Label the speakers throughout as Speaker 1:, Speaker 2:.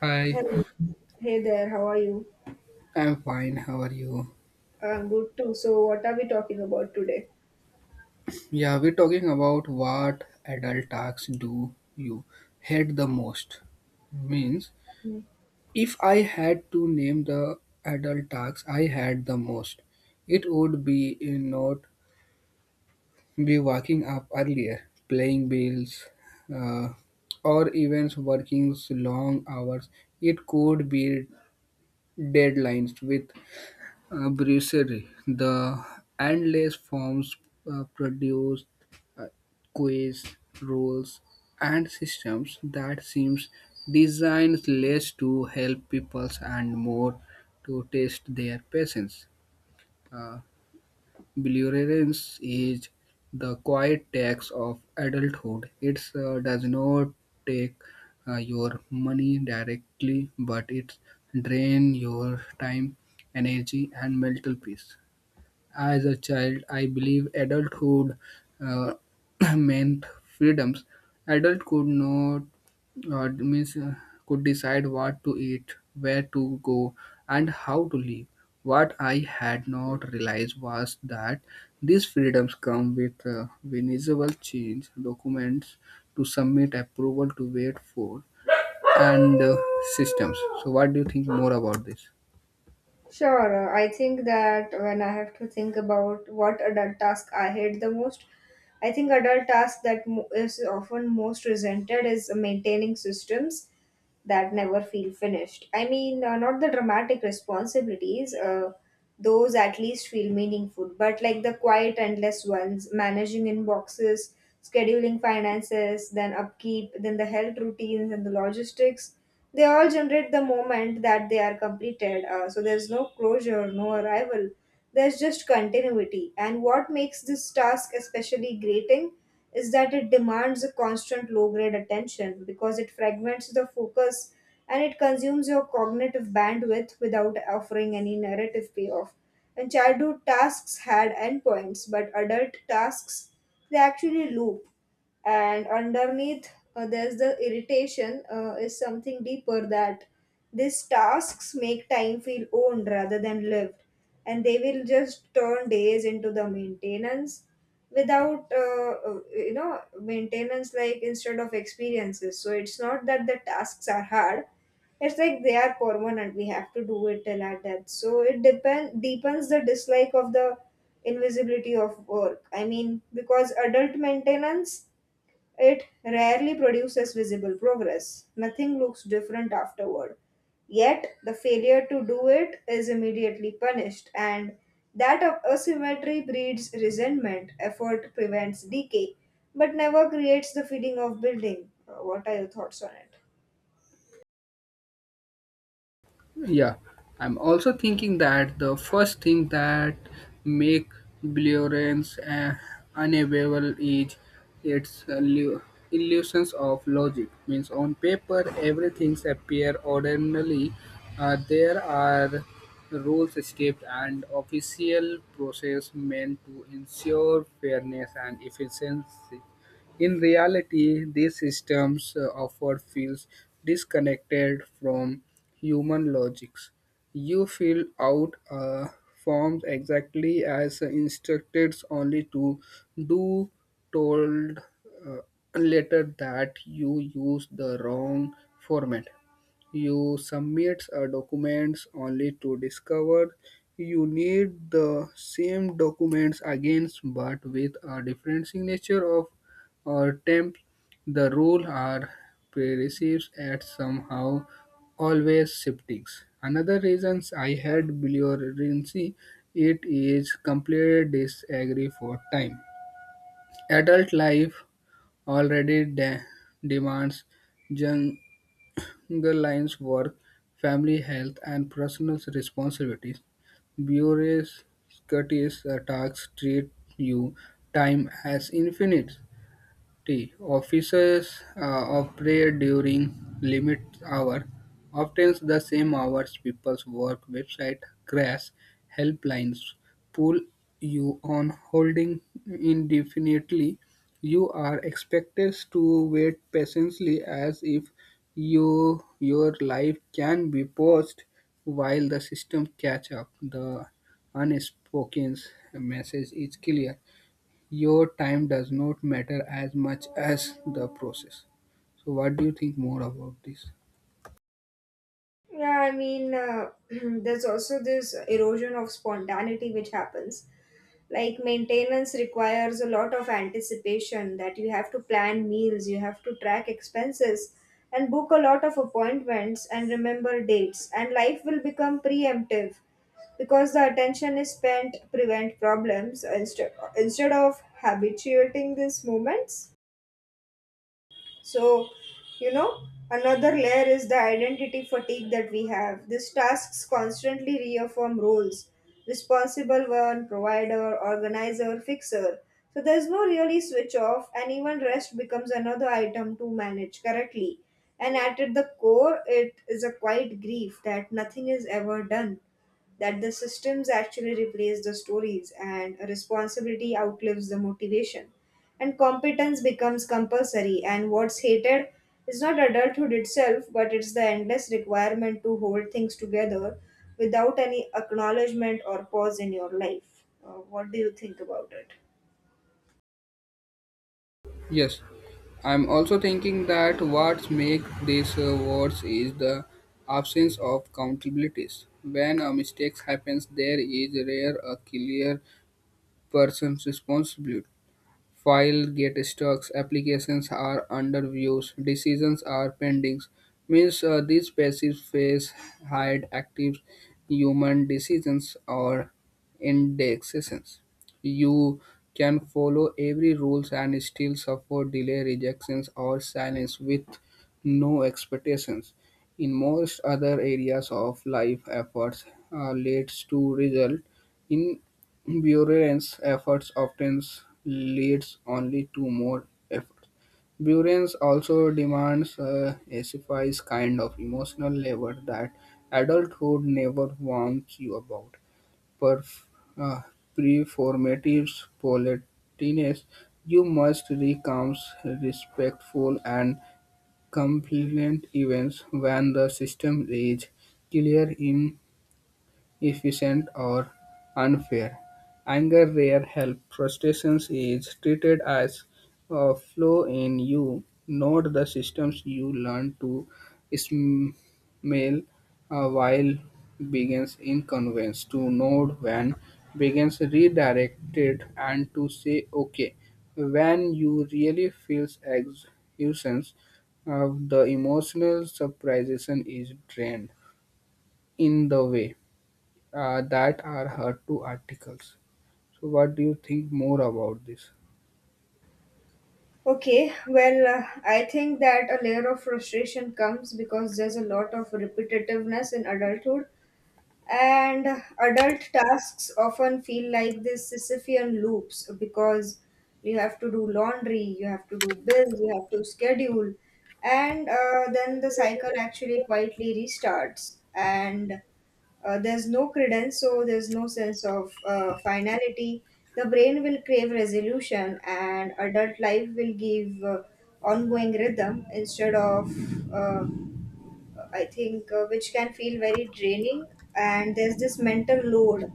Speaker 1: Hi,
Speaker 2: Hello. Hey there, how are you?
Speaker 1: I'm fine. How are you?
Speaker 2: I'm good too. So, what are we talking about today?
Speaker 1: Yeah, we're talking about what adult tasks do you hate the most. Means, if I had to name the adult tasks I had the most, it would be you not be waking up earlier, playing bills, uh, or even working long hours. It could be deadlines with brasserie. The endless forms produced uh, quiz, rules, and systems that seems designed less to help people and more to test their patience. Uh, Belligerence is the quiet tax of adulthood. It does not take your money directly, but it drain your time, energy, and mental peace. As a child, I believe adulthood uh, meant freedoms. Adult could not means could decide what to eat, where to go, and how to live. What I had not realized was that these freedoms come with visible change, documents to submit, approval to wait for, and systems. So, what do you think more about this?
Speaker 2: Sure, I think that when I have to think about what adult task I hate the most, I think adult task that is often most resented is maintaining systems that never feel finished. I mean, not the dramatic responsibilities. Those at least feel meaningful, but like the quiet, endless ones: managing inboxes, scheduling finances, then upkeep, then the health routines and the logistics. They all generate the moment that they are completed, so there's no closure, no arrival, there's just continuity. And what makes this task especially grating is that it demands a constant low grade attention because it fragments the focus and it consumes your cognitive bandwidth without offering any narrative payoff. And childhood tasks had endpoints, but adult tasks, they actually loop, and underneath there's the irritation. Is something deeper, that these tasks make time feel owned rather than lived, and they will just turn days into the maintenance without maintenance, like, instead of experiences. So it's not that the tasks are hard, it's like they are permanent. We have to do it till our death. So it depend deepens the dislike of the invisibility of work. I mean, because adult maintenance, it rarely produces visible progress. Nothing looks different afterward. Yet, the failure to do it is immediately punished, and that asymmetry breeds resentment. Effort prevents decay, but never creates the feeling of building. What are your thoughts on it?
Speaker 1: Yeah, I'm also thinking that the first thing that make Blurence unavailable is its illusions of logic. Means on paper, everything's appear ordinarily. There are rules, steps, and official process meant to ensure fairness and efficiency. In reality, these systems often feels disconnected from human logics. You feel out forms exactly as instructed only to do told uh, later that you use the wrong format. You submit a documents only to discover you need the same documents again but with a different signature of or temp, the rule are perceived as somehow always shifting. Another reasons I had bilirubinemia it is complete disagree for time. Adult life already demands jungle lines work, family health, and personal responsibilities. Bureaucracies attacks treat you time as infinite T. Offices operate during limit hour, often the same hours people's work. Website crash helplines pull you on holding indefinitely. You are expected to wait patiently as if your life can be paused while the system catch up. The unspoken message is clear. Your time does not matter as much as the process. So, what do you think more about this?
Speaker 2: Yeah, I mean, there's also this erosion of spontaneity which happens. Like, maintenance requires a lot of anticipation. That you have to plan meals, you have to track expenses, and book a lot of appointments and remember dates. And life will become preemptive because the attention is spent to prevent problems instead of habituating these moments. So, you know, another layer is the identity fatigue that we have. These tasks constantly reaffirm roles: responsible one, provider, organizer, fixer. So, there's no really switch off, and even rest becomes another item to manage correctly. And at the core, it is a quiet grief that nothing is ever done, that the systems actually replace the stories, and a responsibility outlives the motivation and competence becomes compulsory, and what's hated is not adulthood itself, but it's the endless requirement to hold things together without any acknowledgement or pause in your life. What do you think about it?
Speaker 1: Yes, I'm also thinking that what makes this worse is the absence of accountabilities. When a mistake happens, there is rare a clear person's responsibility. File get stuck, applications are under views, decisions are pending. Means these passive phase hide active human decisions or indexations. You can follow every rules and still suffer delay, rejections, or silence with no expectations. In most other areas of life, efforts leads to result in Buehrens efforts often leads only to more efforts. Buehrens also demands a specific kind of emotional labor that adulthood never warns you about. Perf- uh, Performative politeness, you must recount respectful and compliant events when the system is clear in efficient or unfair. Anger rare help. Frustration is treated as a flaw in you, not the systems you learn to smell while begins inconvenience. To note when begins redirected and to say okay when you really feels exhaustion. The emotional suppression is drained in the way that are her two articles. So, what do you think more about this?
Speaker 2: Okay, well, I think that a layer of frustration comes because there's a lot of repetitiveness in adulthood. And adult tasks often feel like these Sisyphean loops, because you have to do laundry, you have to do bills, you have to schedule, and then the cycle actually quietly restarts. And there's no credence, so there's no sense of finality. The brain will crave resolution, and adult life will give ongoing rhythm instead of I think, which can feel very draining. And there's this mental load,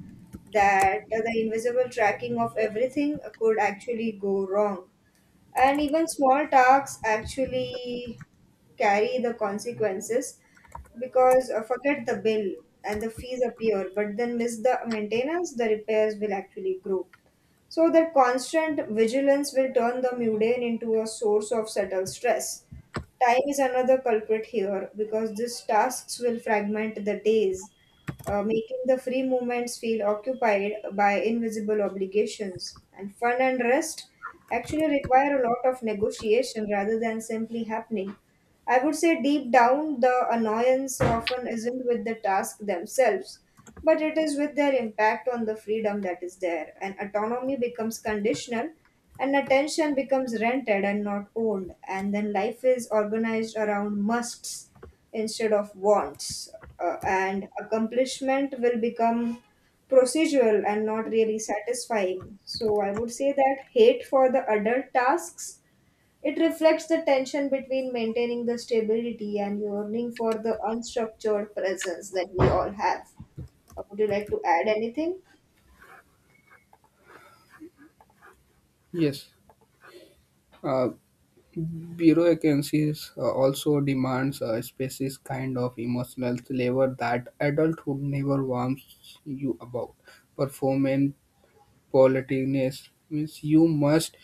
Speaker 2: that the invisible tracking of everything could actually go wrong. And even small tasks actually carry the consequences, because forget the bill and the fees appear, but then miss the maintenance, the repairs will actually grow. So that constant vigilance will turn the mundane into a source of subtle stress. Time is another culprit here, because these tasks will fragment the days, making the free movements feel occupied by invisible obligations. And fun and rest actually require a lot of negotiation rather than simply happening. I would say deep down, the annoyance often isn't with the task themselves, but it is with their impact on the freedom that is there. And autonomy becomes conditional, and attention becomes rented and not owned. And then life is organized around musts instead of wants, and accomplishment will become procedural and not really satisfying. So, I would say that hate for the adult tasks, it reflects the tension between maintaining the stability and yearning for the unstructured presence that we all have. Would you like to add anything?
Speaker 1: Yes, uh, bureau vacancies also demands a species kind of emotional labor that adulthood never warns you about. Performance politics means you must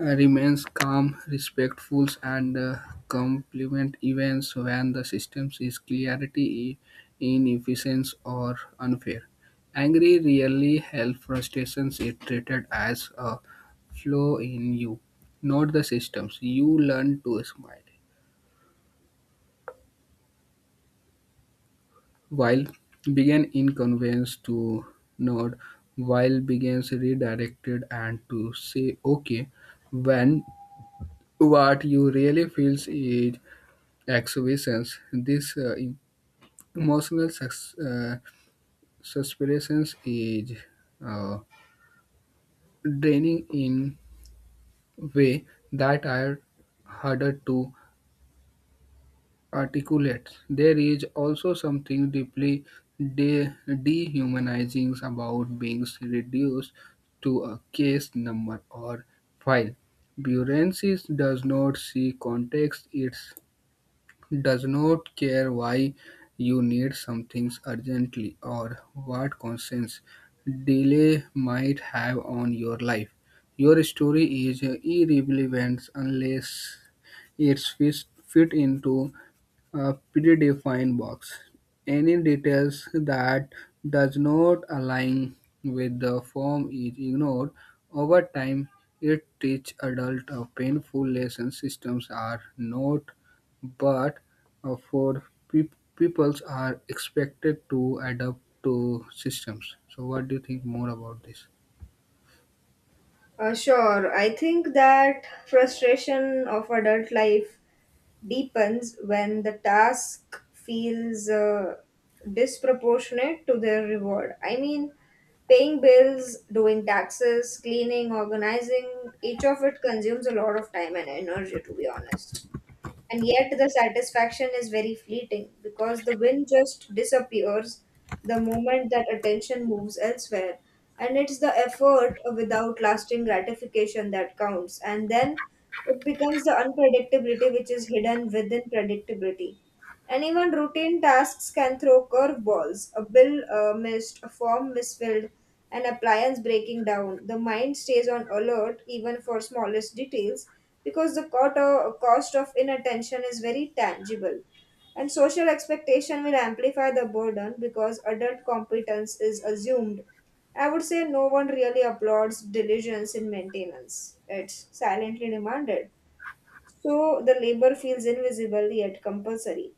Speaker 1: remains calm, respectful, and complement events when the system is clarity, inefficiency or unfair. Angry really help frustrations is treated as a flaw in you, not the systems. You learn to smile. While begin inconvenience to nod, while begins redirected and to say okay when what you really feels is exhibitions. This em- emotional suspensions is uh, draining in way that are harder to articulate. There is also something deeply de- dehumanizing about being reduced to a case number or file. Bureaucracy does not see context. It does not care why you need something urgently or what consequence delay might have on your life. Your story is irrelevant unless it's fit into a predefined box. Any details that does not align with the form is ignored. Over time, it teaches adults a painful lesson. Systems are not, but for peoples are expected to adapt to systems. So, what do you think more about this?
Speaker 2: Sure. I think that frustration of adult life deepens when the task feels disproportionate to their reward. I mean, paying bills, doing taxes, cleaning, organizing, each of it consumes a lot of time and energy, to be honest. And yet the satisfaction is very fleeting, because the win just disappears the moment that attention moves elsewhere. And it's the effort without lasting gratification that counts. And then it becomes the unpredictability which is hidden within predictability. And even routine tasks can throw curveballs: a bill missed, a form misfilled, an appliance breaking down. The mind stays on alert even for smallest details, because the cost of inattention is very tangible. And social expectation will amplify the burden, because adult competence is assumed. I would say no one really applauds diligence in maintenance. It's silently demanded. So the labor feels invisible yet compulsory.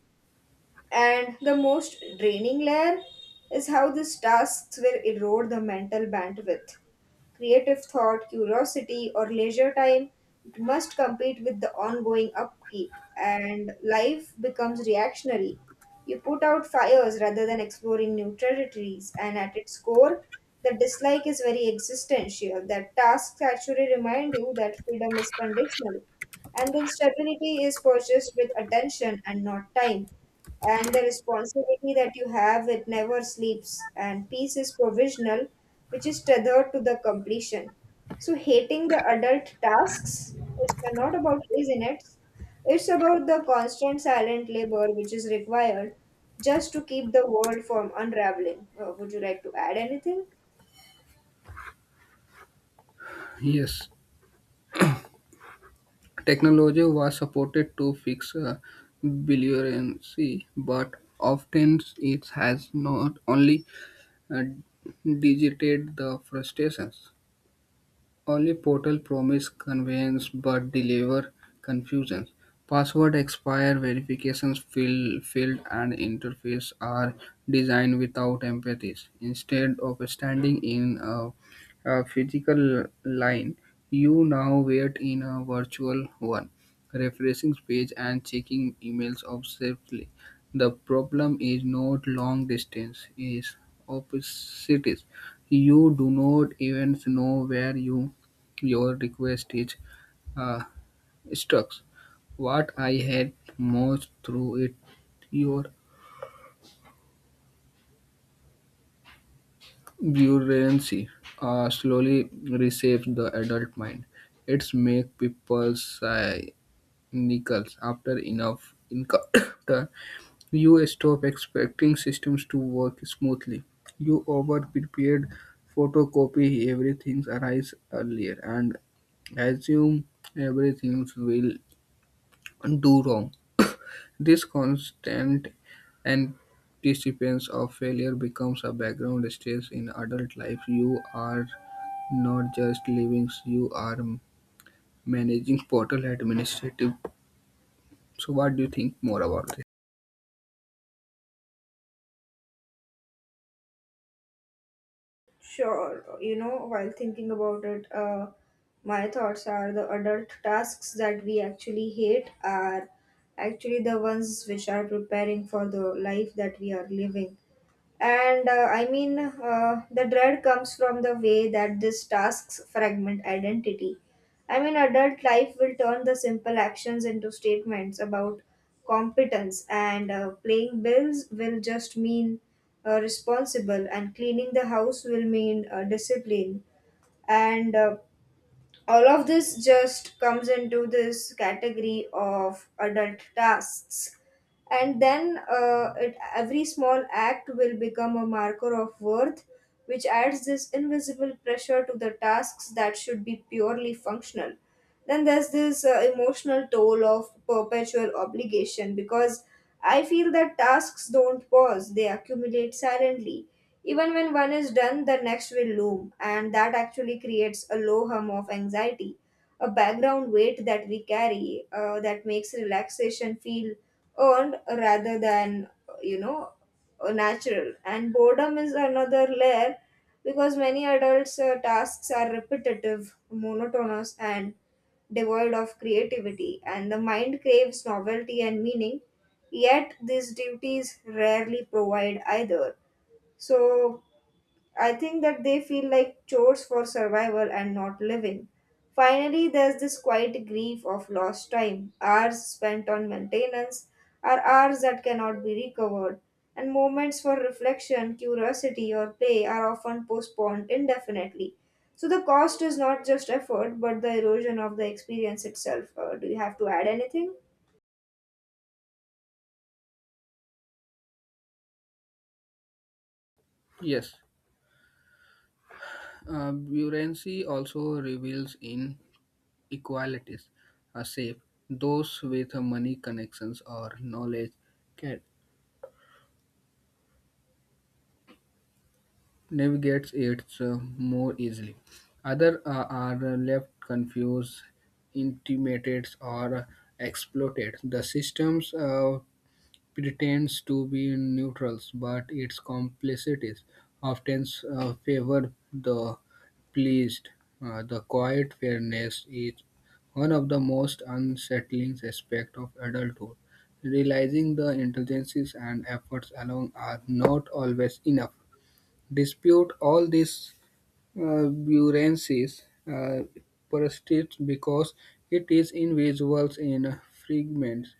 Speaker 2: And the most draining layer is how these tasks will erode the mental bandwidth. Creative thought, curiosity, or leisure time, it must compete with the ongoing upkeep, and life becomes reactionary. You put out fires rather than exploring new territories, and at its core, the dislike is very existential. That tasks actually remind you that freedom is conditional, and then stability is purchased with attention and not time, and the responsibility that you have, it never sleeps, and peace is provisional, which is tethered to the completion. So hating the adult tasks is not about laziness, it's about the constant silent labor which is required just to keep the world from unraveling. Would you like to add anything?
Speaker 1: Yes. Technology was supported to fix bilirubin, but often it has not only uh, digited the frustrations. Only portal promise convenience but deliver confusion. Password expire verifications fill, field and interface are designed without empathies. Instead of standing in a physical line, you now wait in a virtual one, refreshing page and checking emails obsessively. The problem is not long distance, is opposites. You do not even know where your request is uh, struck. What I had most through it, your buoyancy slowly reshapes the adult mind. It's make people sigh nickels after enough encounter. You stop expecting systems to work smoothly. You over prepared photocopy everything arrives earlier and assume everything will do wrong. This constant anticipation of failure becomes a background stress in adult life. You are not just living, you are managing portal administrative. So, what do you think more about this?
Speaker 2: Sure, you know, while thinking about it, my thoughts are the adult tasks that we actually hate are actually the ones which are preparing for the life that we are living. And I mean, the dread comes from the way that these tasks fragment identity. I mean, adult life will turn the simple actions into statements about competence, and playing bills will just mean responsible, and cleaning the house will mean discipline, and all of this just comes into this category of adult tasks. And then every small act will become a marker of worth, which adds this invisible pressure to the tasks that should be purely functional. Then there's this emotional toll of perpetual obligation, because I feel that tasks don't pause, they accumulate silently. Even when one is done, the next will loom, and that actually creates a low hum of anxiety, a background weight that we carry, that makes relaxation feel earned rather than, you know, natural. And boredom is another layer, because many adults tasks are repetitive, monotonous, and devoid of creativity, and the mind craves novelty and meaning, yet these duties rarely provide either. So I think that they feel like chores for survival and not living. Finally, there's this quiet grief of lost time. Hours spent on maintenance are hours that cannot be recovered, and moments for reflection, curiosity, or play are often postponed indefinitely. So, the cost is not just effort, but the erosion of the experience itself. Do you have to add anything?
Speaker 1: Yes, buoyancy also reveals inequalities. A safe, those with money connections or knowledge can navigates it more easily. Others are left confused, intimidated, or exploited. The system pretends to be neutral, but its complexities often favor the pleased. The quiet fairness is one of the most unsettling aspects of adulthood, realizing the intelligences and efforts alone are not always enough. Dispute all these buoyancies, uh, persists because it is invisible in fragments.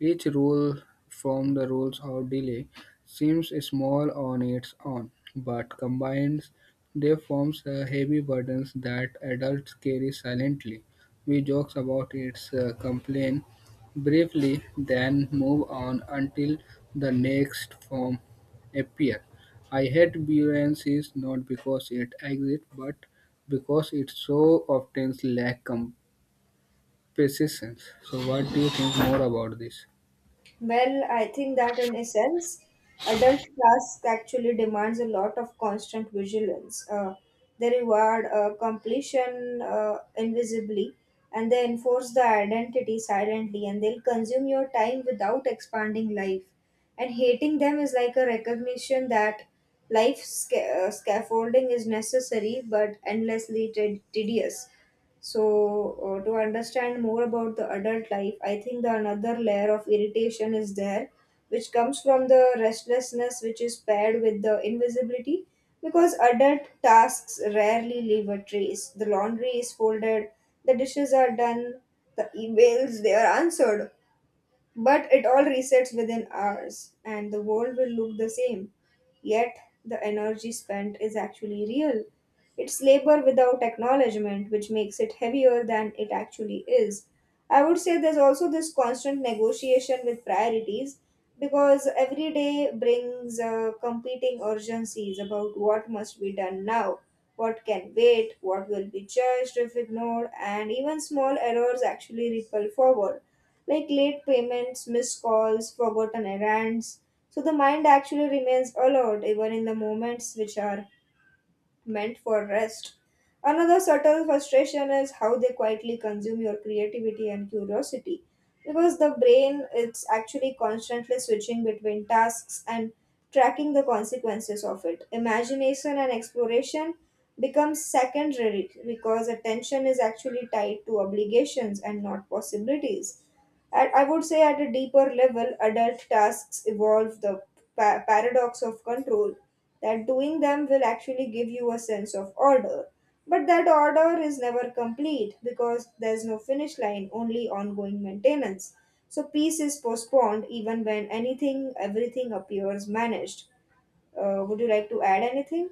Speaker 1: Each rule from the rules of delay seems small on its own, but combined they forms a heavy burdens that adults carry silently. We joke about its complaint briefly, then move on until the next form appears. I hate buoyancy not because it exists, but because it so often lacks composition. So, what do you think more about this?
Speaker 2: Well, I think that in essence, adult task actually demands a lot of constant vigilance. They reward completion invisibly, and they enforce the identity silently, and they'll consume your time without expanding life. And hating them is like a recognition that life scaffolding is necessary but endlessly tedious. So, to understand more about the adult life, I think the another layer of irritation is there, which comes from the restlessness which is paired with the invisibility. Because adult tasks rarely leave a trace. The laundry is folded, the dishes are done, the emails they are answered, but it all resets within hours, and the world will look the same. Yet, the energy spent is actually real. It's labor without acknowledgement, which makes it heavier than it actually is. I would say there's also this constant negotiation with priorities, because every day brings competing urgencies about what must be done now, what can wait, what will be judged if ignored, and even small errors actually ripple forward, like late payments, missed calls, forgotten errands. So the mind actually remains alert even in the moments which are meant for rest. Another subtle frustration is how they quietly consume your creativity and curiosity, because the brain is actually constantly switching between tasks and tracking the consequences of it. Imagination and exploration becomes secondary, because attention is actually tied to obligations and not possibilities. At, I would say at a deeper level, adult tasks evolve the paradox of control, that doing them will actually give you a sense of order. But that order is never complete because there's no finish line, only ongoing maintenance. So peace is postponed even when everything appears managed. Would you like to add anything?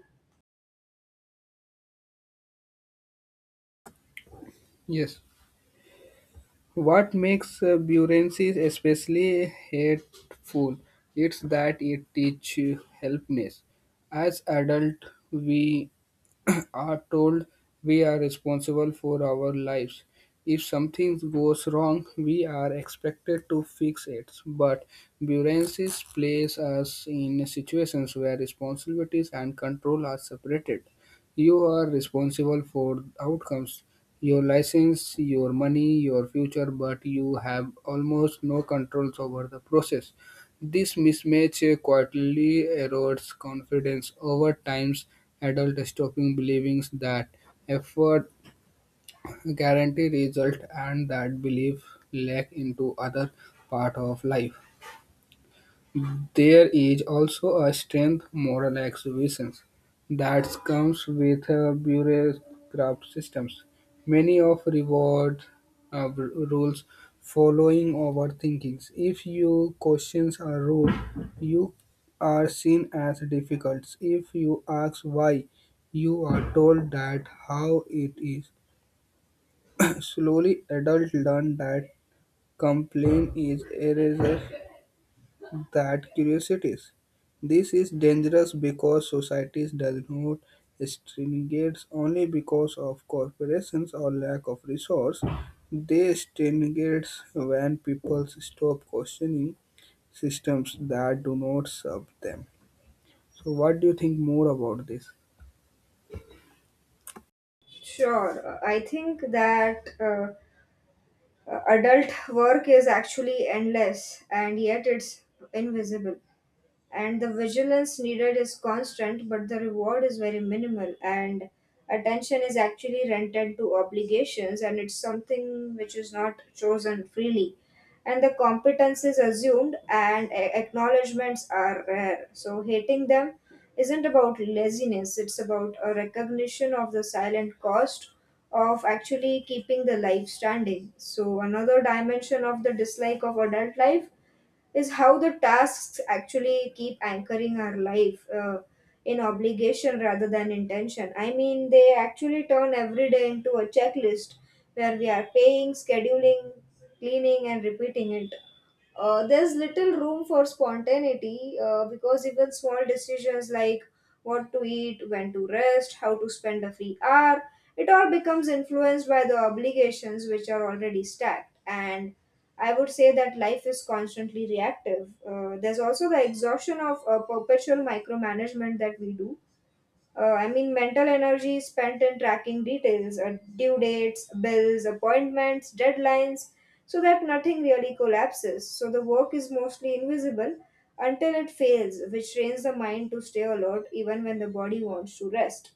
Speaker 1: Yes. What makes buoyancy especially hateful? It's that it teaches helplessness. As adults, we are told we are responsible for our lives. If something goes wrong, we are expected to fix it. But bureaucracies place us in situations where responsibilities and control are separated. You are responsible for outcomes, your license, your money, your future, but you have almost no controls over the process. This mismatch quietly erodes confidence over time, adults stopping believing that effort guarantees result, and that belief leaks into other part of life. There is also a strength moral exhibition that comes with bureaucratic systems. Many of reward uh, r- rules following overthinking. If you question a rule, you are seen as difficult. If you ask why, you are told that how it is. Slowly, adults learn that complaint is erasure that curiosities. This is dangerous because societies does not stringates only because of corporations or lack of resource. They stringates when people stop questioning systems that do not serve them. So what do you think more about this?
Speaker 2: Sure. I think that adult work is actually endless and yet it's invisible. And the vigilance needed is constant, but the reward is very minimal, and attention is actually rented to obligations, and it's something which is not chosen freely. And the competence is assumed and acknowledgments are rare, so hating them isn't about laziness, it's about a recognition of the silent cost of actually keeping the life standing. So another dimension of the dislike of adult life is how the tasks actually keep anchoring our life in obligation rather than intention. I mean, they actually turn every day into a checklist where we are paying, scheduling, cleaning, and repeating it. There's little room for spontaneity, because even small decisions like what to eat, when to rest, how to spend a free hour, it all becomes influenced by the obligations which are already stacked. And I would say that life is constantly reactive. There's also the exhaustion of perpetual micromanagement that we do. I mean, mental energy is spent in tracking details, due dates, bills, appointments, deadlines, so that nothing really collapses. So the work is mostly invisible until it fails, which trains the mind to stay alert even when the body wants to rest.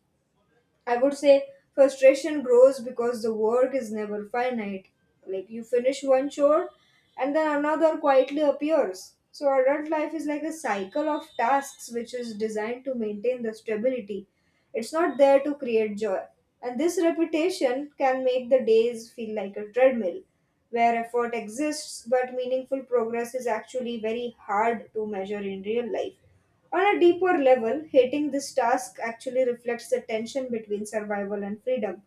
Speaker 2: I would say frustration grows because the work is never finite. Like, you finish one chore and then another quietly appears. So adult life is like a cycle of tasks which is designed to maintain the stability. It's not there to create joy. And this repetition can make the days feel like a treadmill where effort exists, but meaningful progress is actually very hard to measure in real life. On a deeper level, hating this task actually reflects the tension between survival and freedom.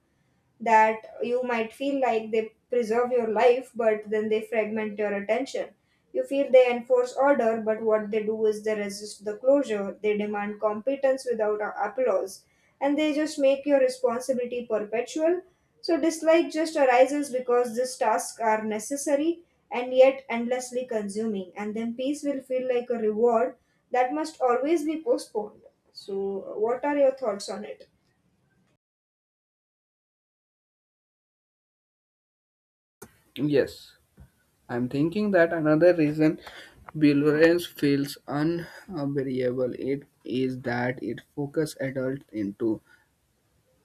Speaker 2: That you might feel like they preserve your life, but then they fragment your attention. You feel they enforce order, but what they do is they resist the closure, they demand competence without applause, and they just make your responsibility perpetual. So, dislike just arises because these tasks are necessary and yet endlessly consuming, and then peace will feel like a reward that must always be postponed. So, what are your thoughts on it?
Speaker 1: Yes, I'm thinking that another reason Bilberance feels unbearable it is that it focuses adults into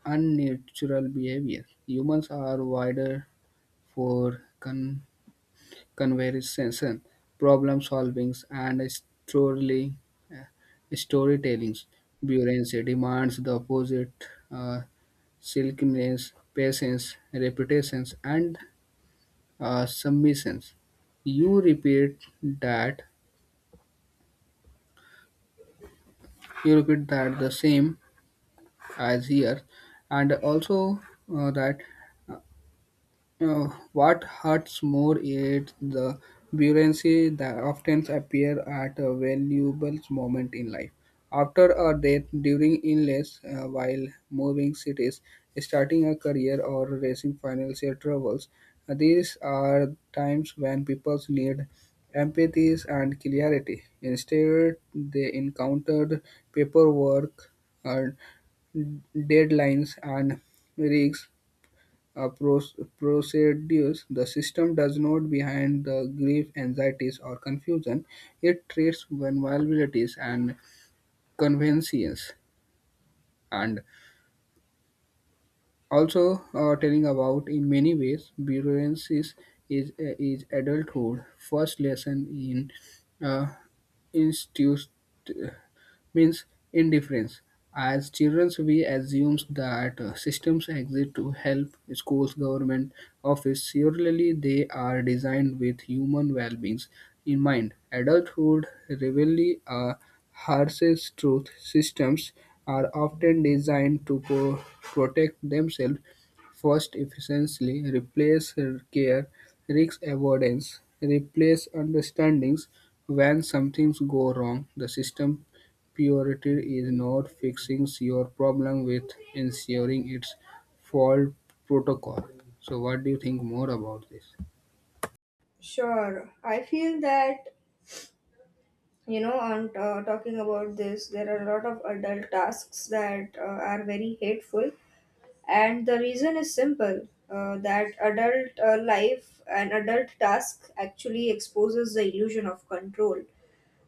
Speaker 1: unnatural behavior. Humans are wired for conversation, problem solving, and uh, storytelling. Buoyancy demands the opposite uh, silkiness, patience, reputations, and submissions. You repeat that, you repeat that the same as here, and also that. Uh, what hurts more is the buoyancy that often appears at a valuable moment in life. After a death, during illness, while moving cities, starting a career, or facing financial troubles, these are times when people need empathy and clarity. Instead, they encountered paperwork, and deadlines, and risks procedures, the system does not behind the grief, anxieties, or confusion. It treats vulnerabilities and conveniences, and also telling about in many ways bureaucracies is adulthood first lesson in uh, institute means indifference. As children, we assume that systems exist to help schools, government, office. Surely they are designed with human well-being in mind. Adulthood reveals a harshest truth. Systems are often designed to protect themselves first efficiently, replace care, risk avoidance, replace understandings when some things go wrong. The system Purity is not fixing your problem with ensuring it's fault protocol. So what do you think more about this?
Speaker 2: Sure. I feel that, you know, on talking about this, there are a lot of adult tasks that are very hateful. And the reason is simple, that adult life and adult task actually exposes the illusion of control.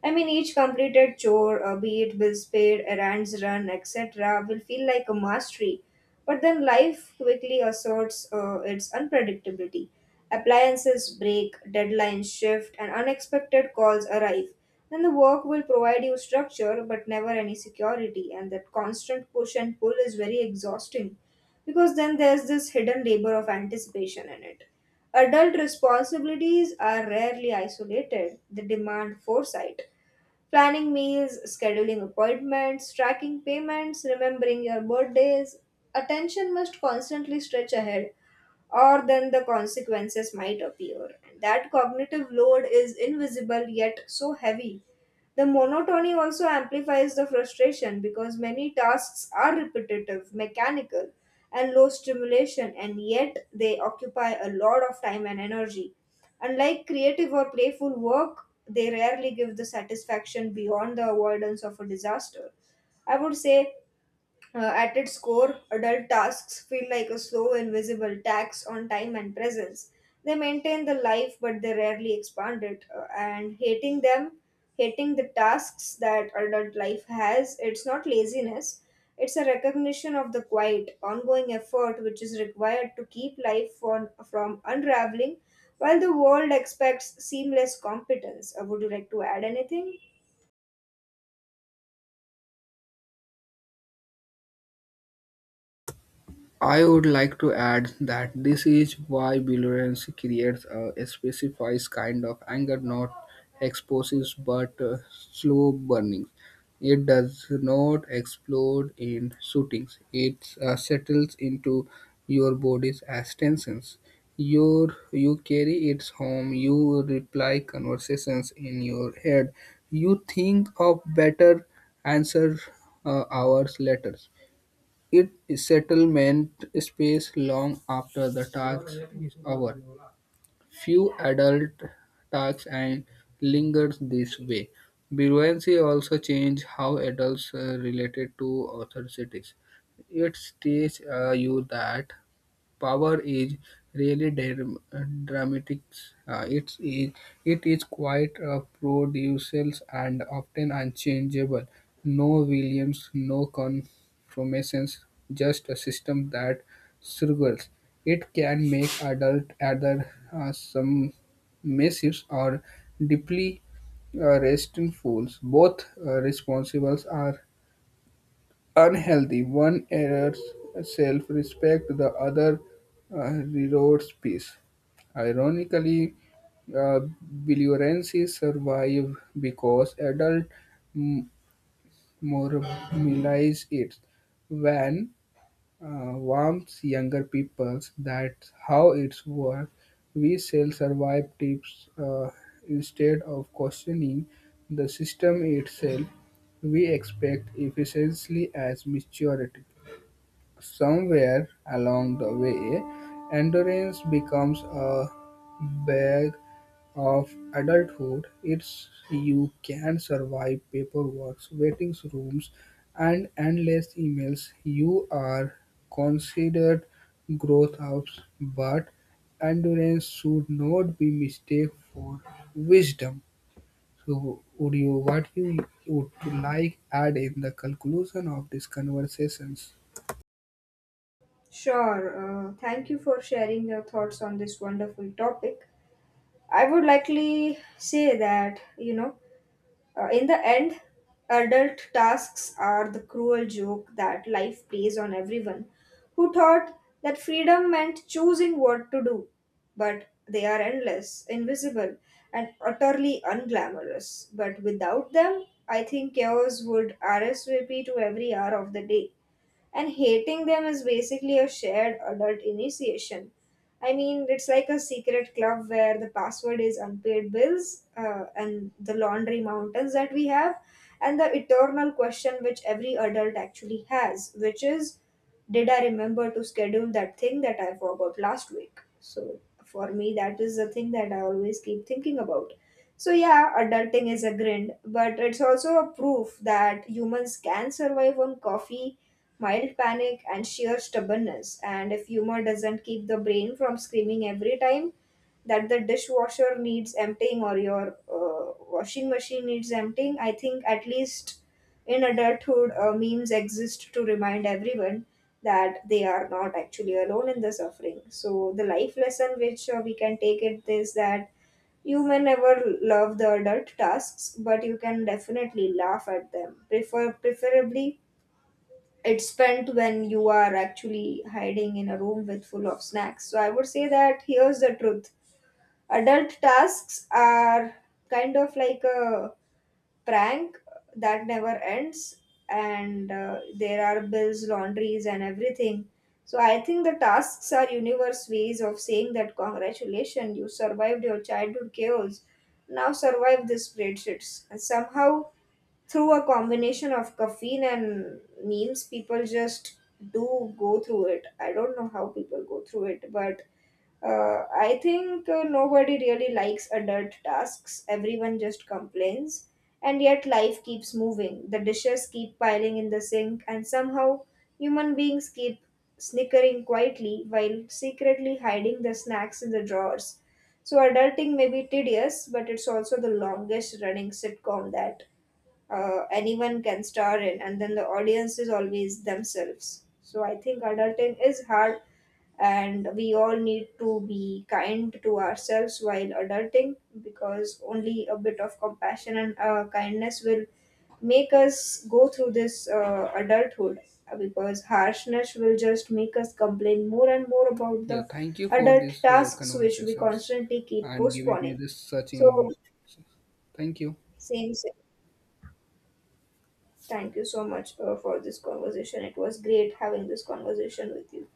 Speaker 2: I mean, each completed chore, be it bills paid, errands run, etc., will feel like a mastery. But then life quickly asserts its unpredictability. Appliances break, deadlines shift, and unexpected calls arrive. Then the work will provide you structure, but never any security, and that constant push and pull is very exhausting because then there's this hidden labor of anticipation in it. Adult responsibilities are rarely isolated, they demand foresight. Planning meals, scheduling appointments, tracking payments, remembering your birthdays. Attention must constantly stretch ahead, or then the consequences might appear. And that cognitive load is invisible, yet so heavy. The monotony also amplifies the frustration because many tasks are repetitive, mechanical, and low stimulation, and yet they occupy a lot of time and energy. Unlike creative or playful work, they rarely give the satisfaction beyond the avoidance of a disaster. I would say, at its core, adult tasks feel like a slow, invisible tax on time and presence. They maintain the life, but they rarely expand it. And hating them, hating the tasks that adult life has, it's not laziness. It's a recognition of the quiet, ongoing effort which is required to keep life from unraveling while the world expects seamless competence. Would you like to add anything?
Speaker 1: I would like to add that this is why belligerence creates a specified kind of anger, not explosives but slow burning. It does not explode in shootings. It settles into your body's as tensions. You carry it home. You reply conversations in your head. You think of better answer hours later. It settlement space long after the task is over; few adult tasks and lingers this way. Bureaucracy also changed how adults related to authorities. It teaches you that power is really dramatic. Uh, it's, is- it is quite producial and often unchangeable. No Williams, no conformations, just a system that struggles. It can make adult either some massives or deeply restful. Both responsibles are unhealthy. One errors self-respect, the other uh, erodes peace. Ironically, uh, violences survive because adult m- normalize it. When warms younger peoples, that's how it's work. We sell survive tips instead of questioning the system itself. We expect efficiency as maturity. Somewhere along the way, endurance becomes a bag of adulthood. It's you can survive paperwork, waiting rooms, and endless emails. You are considered growth ups, but endurance should not be mistaken for wisdom. So, would you what you would like add in the conclusion of these conversations?
Speaker 2: Sure. Thank you for sharing your thoughts on this wonderful topic. I would likely say that, you know, in the end, adult tasks are the cruel joke that life plays on everyone who thought that freedom meant choosing what to do. But they are endless, invisible, and utterly unglamorous. But without them, I think chaos would RSVP to every hour of the day, and hating them is basically a shared adult initiation. I mean, it's like a secret club where the password is unpaid bills, and the laundry mountains that we have, and the eternal question which every adult actually has, which is, did I remember to schedule that thing that I forgot last week? So, for me, that is the thing that I always keep thinking about. So, yeah, adulting is a grind, but it's also a proof that humans can survive on coffee, mild panic, and sheer stubbornness. And if humor doesn't keep the brain from screaming every time that the dishwasher needs emptying or your washing machine needs emptying, I think at least in adulthood, memes exist to remind everyone that they are not actually alone in the suffering. So, the life lesson which we can take it is that you may never love the adult tasks, but you can definitely laugh at them. Preferably it's spent when you are actually hiding in a room with full of snacks. So, I would say that here's the truth, adult tasks are kind of like a prank that never ends, and there are bills, laundries, and everything. So, I think the tasks are universe ways of saying that congratulations, you survived your childhood chaos, now survive the spreadsheets. And somehow, through a combination of caffeine and memes, people just do go through it. I don't know how people go through it, but uh, I think nobody really likes adult tasks, everyone just complains, and yet life keeps moving, the dishes keep piling in the sink, and somehow human beings keep snickering quietly while secretly hiding the snacks in the drawers. So adulting may be tedious, but it's also the longest running sitcom that anyone can star in, and then the audience is always themselves. So I think adulting is hard, and we all need to be kind to ourselves while adulting, because only a bit of compassion and kindness will make us go through this adulthood, because harshness will just make us complain more and more about
Speaker 1: Yeah,
Speaker 2: the
Speaker 1: thank you for
Speaker 2: adult
Speaker 1: these
Speaker 2: tasks which we
Speaker 1: conversations
Speaker 2: constantly keep
Speaker 1: and giving me
Speaker 2: postponing.
Speaker 1: this such
Speaker 2: So,
Speaker 1: information. Thank you.
Speaker 2: same, same. Thank you so much for this conversation. It was great having this conversation with you.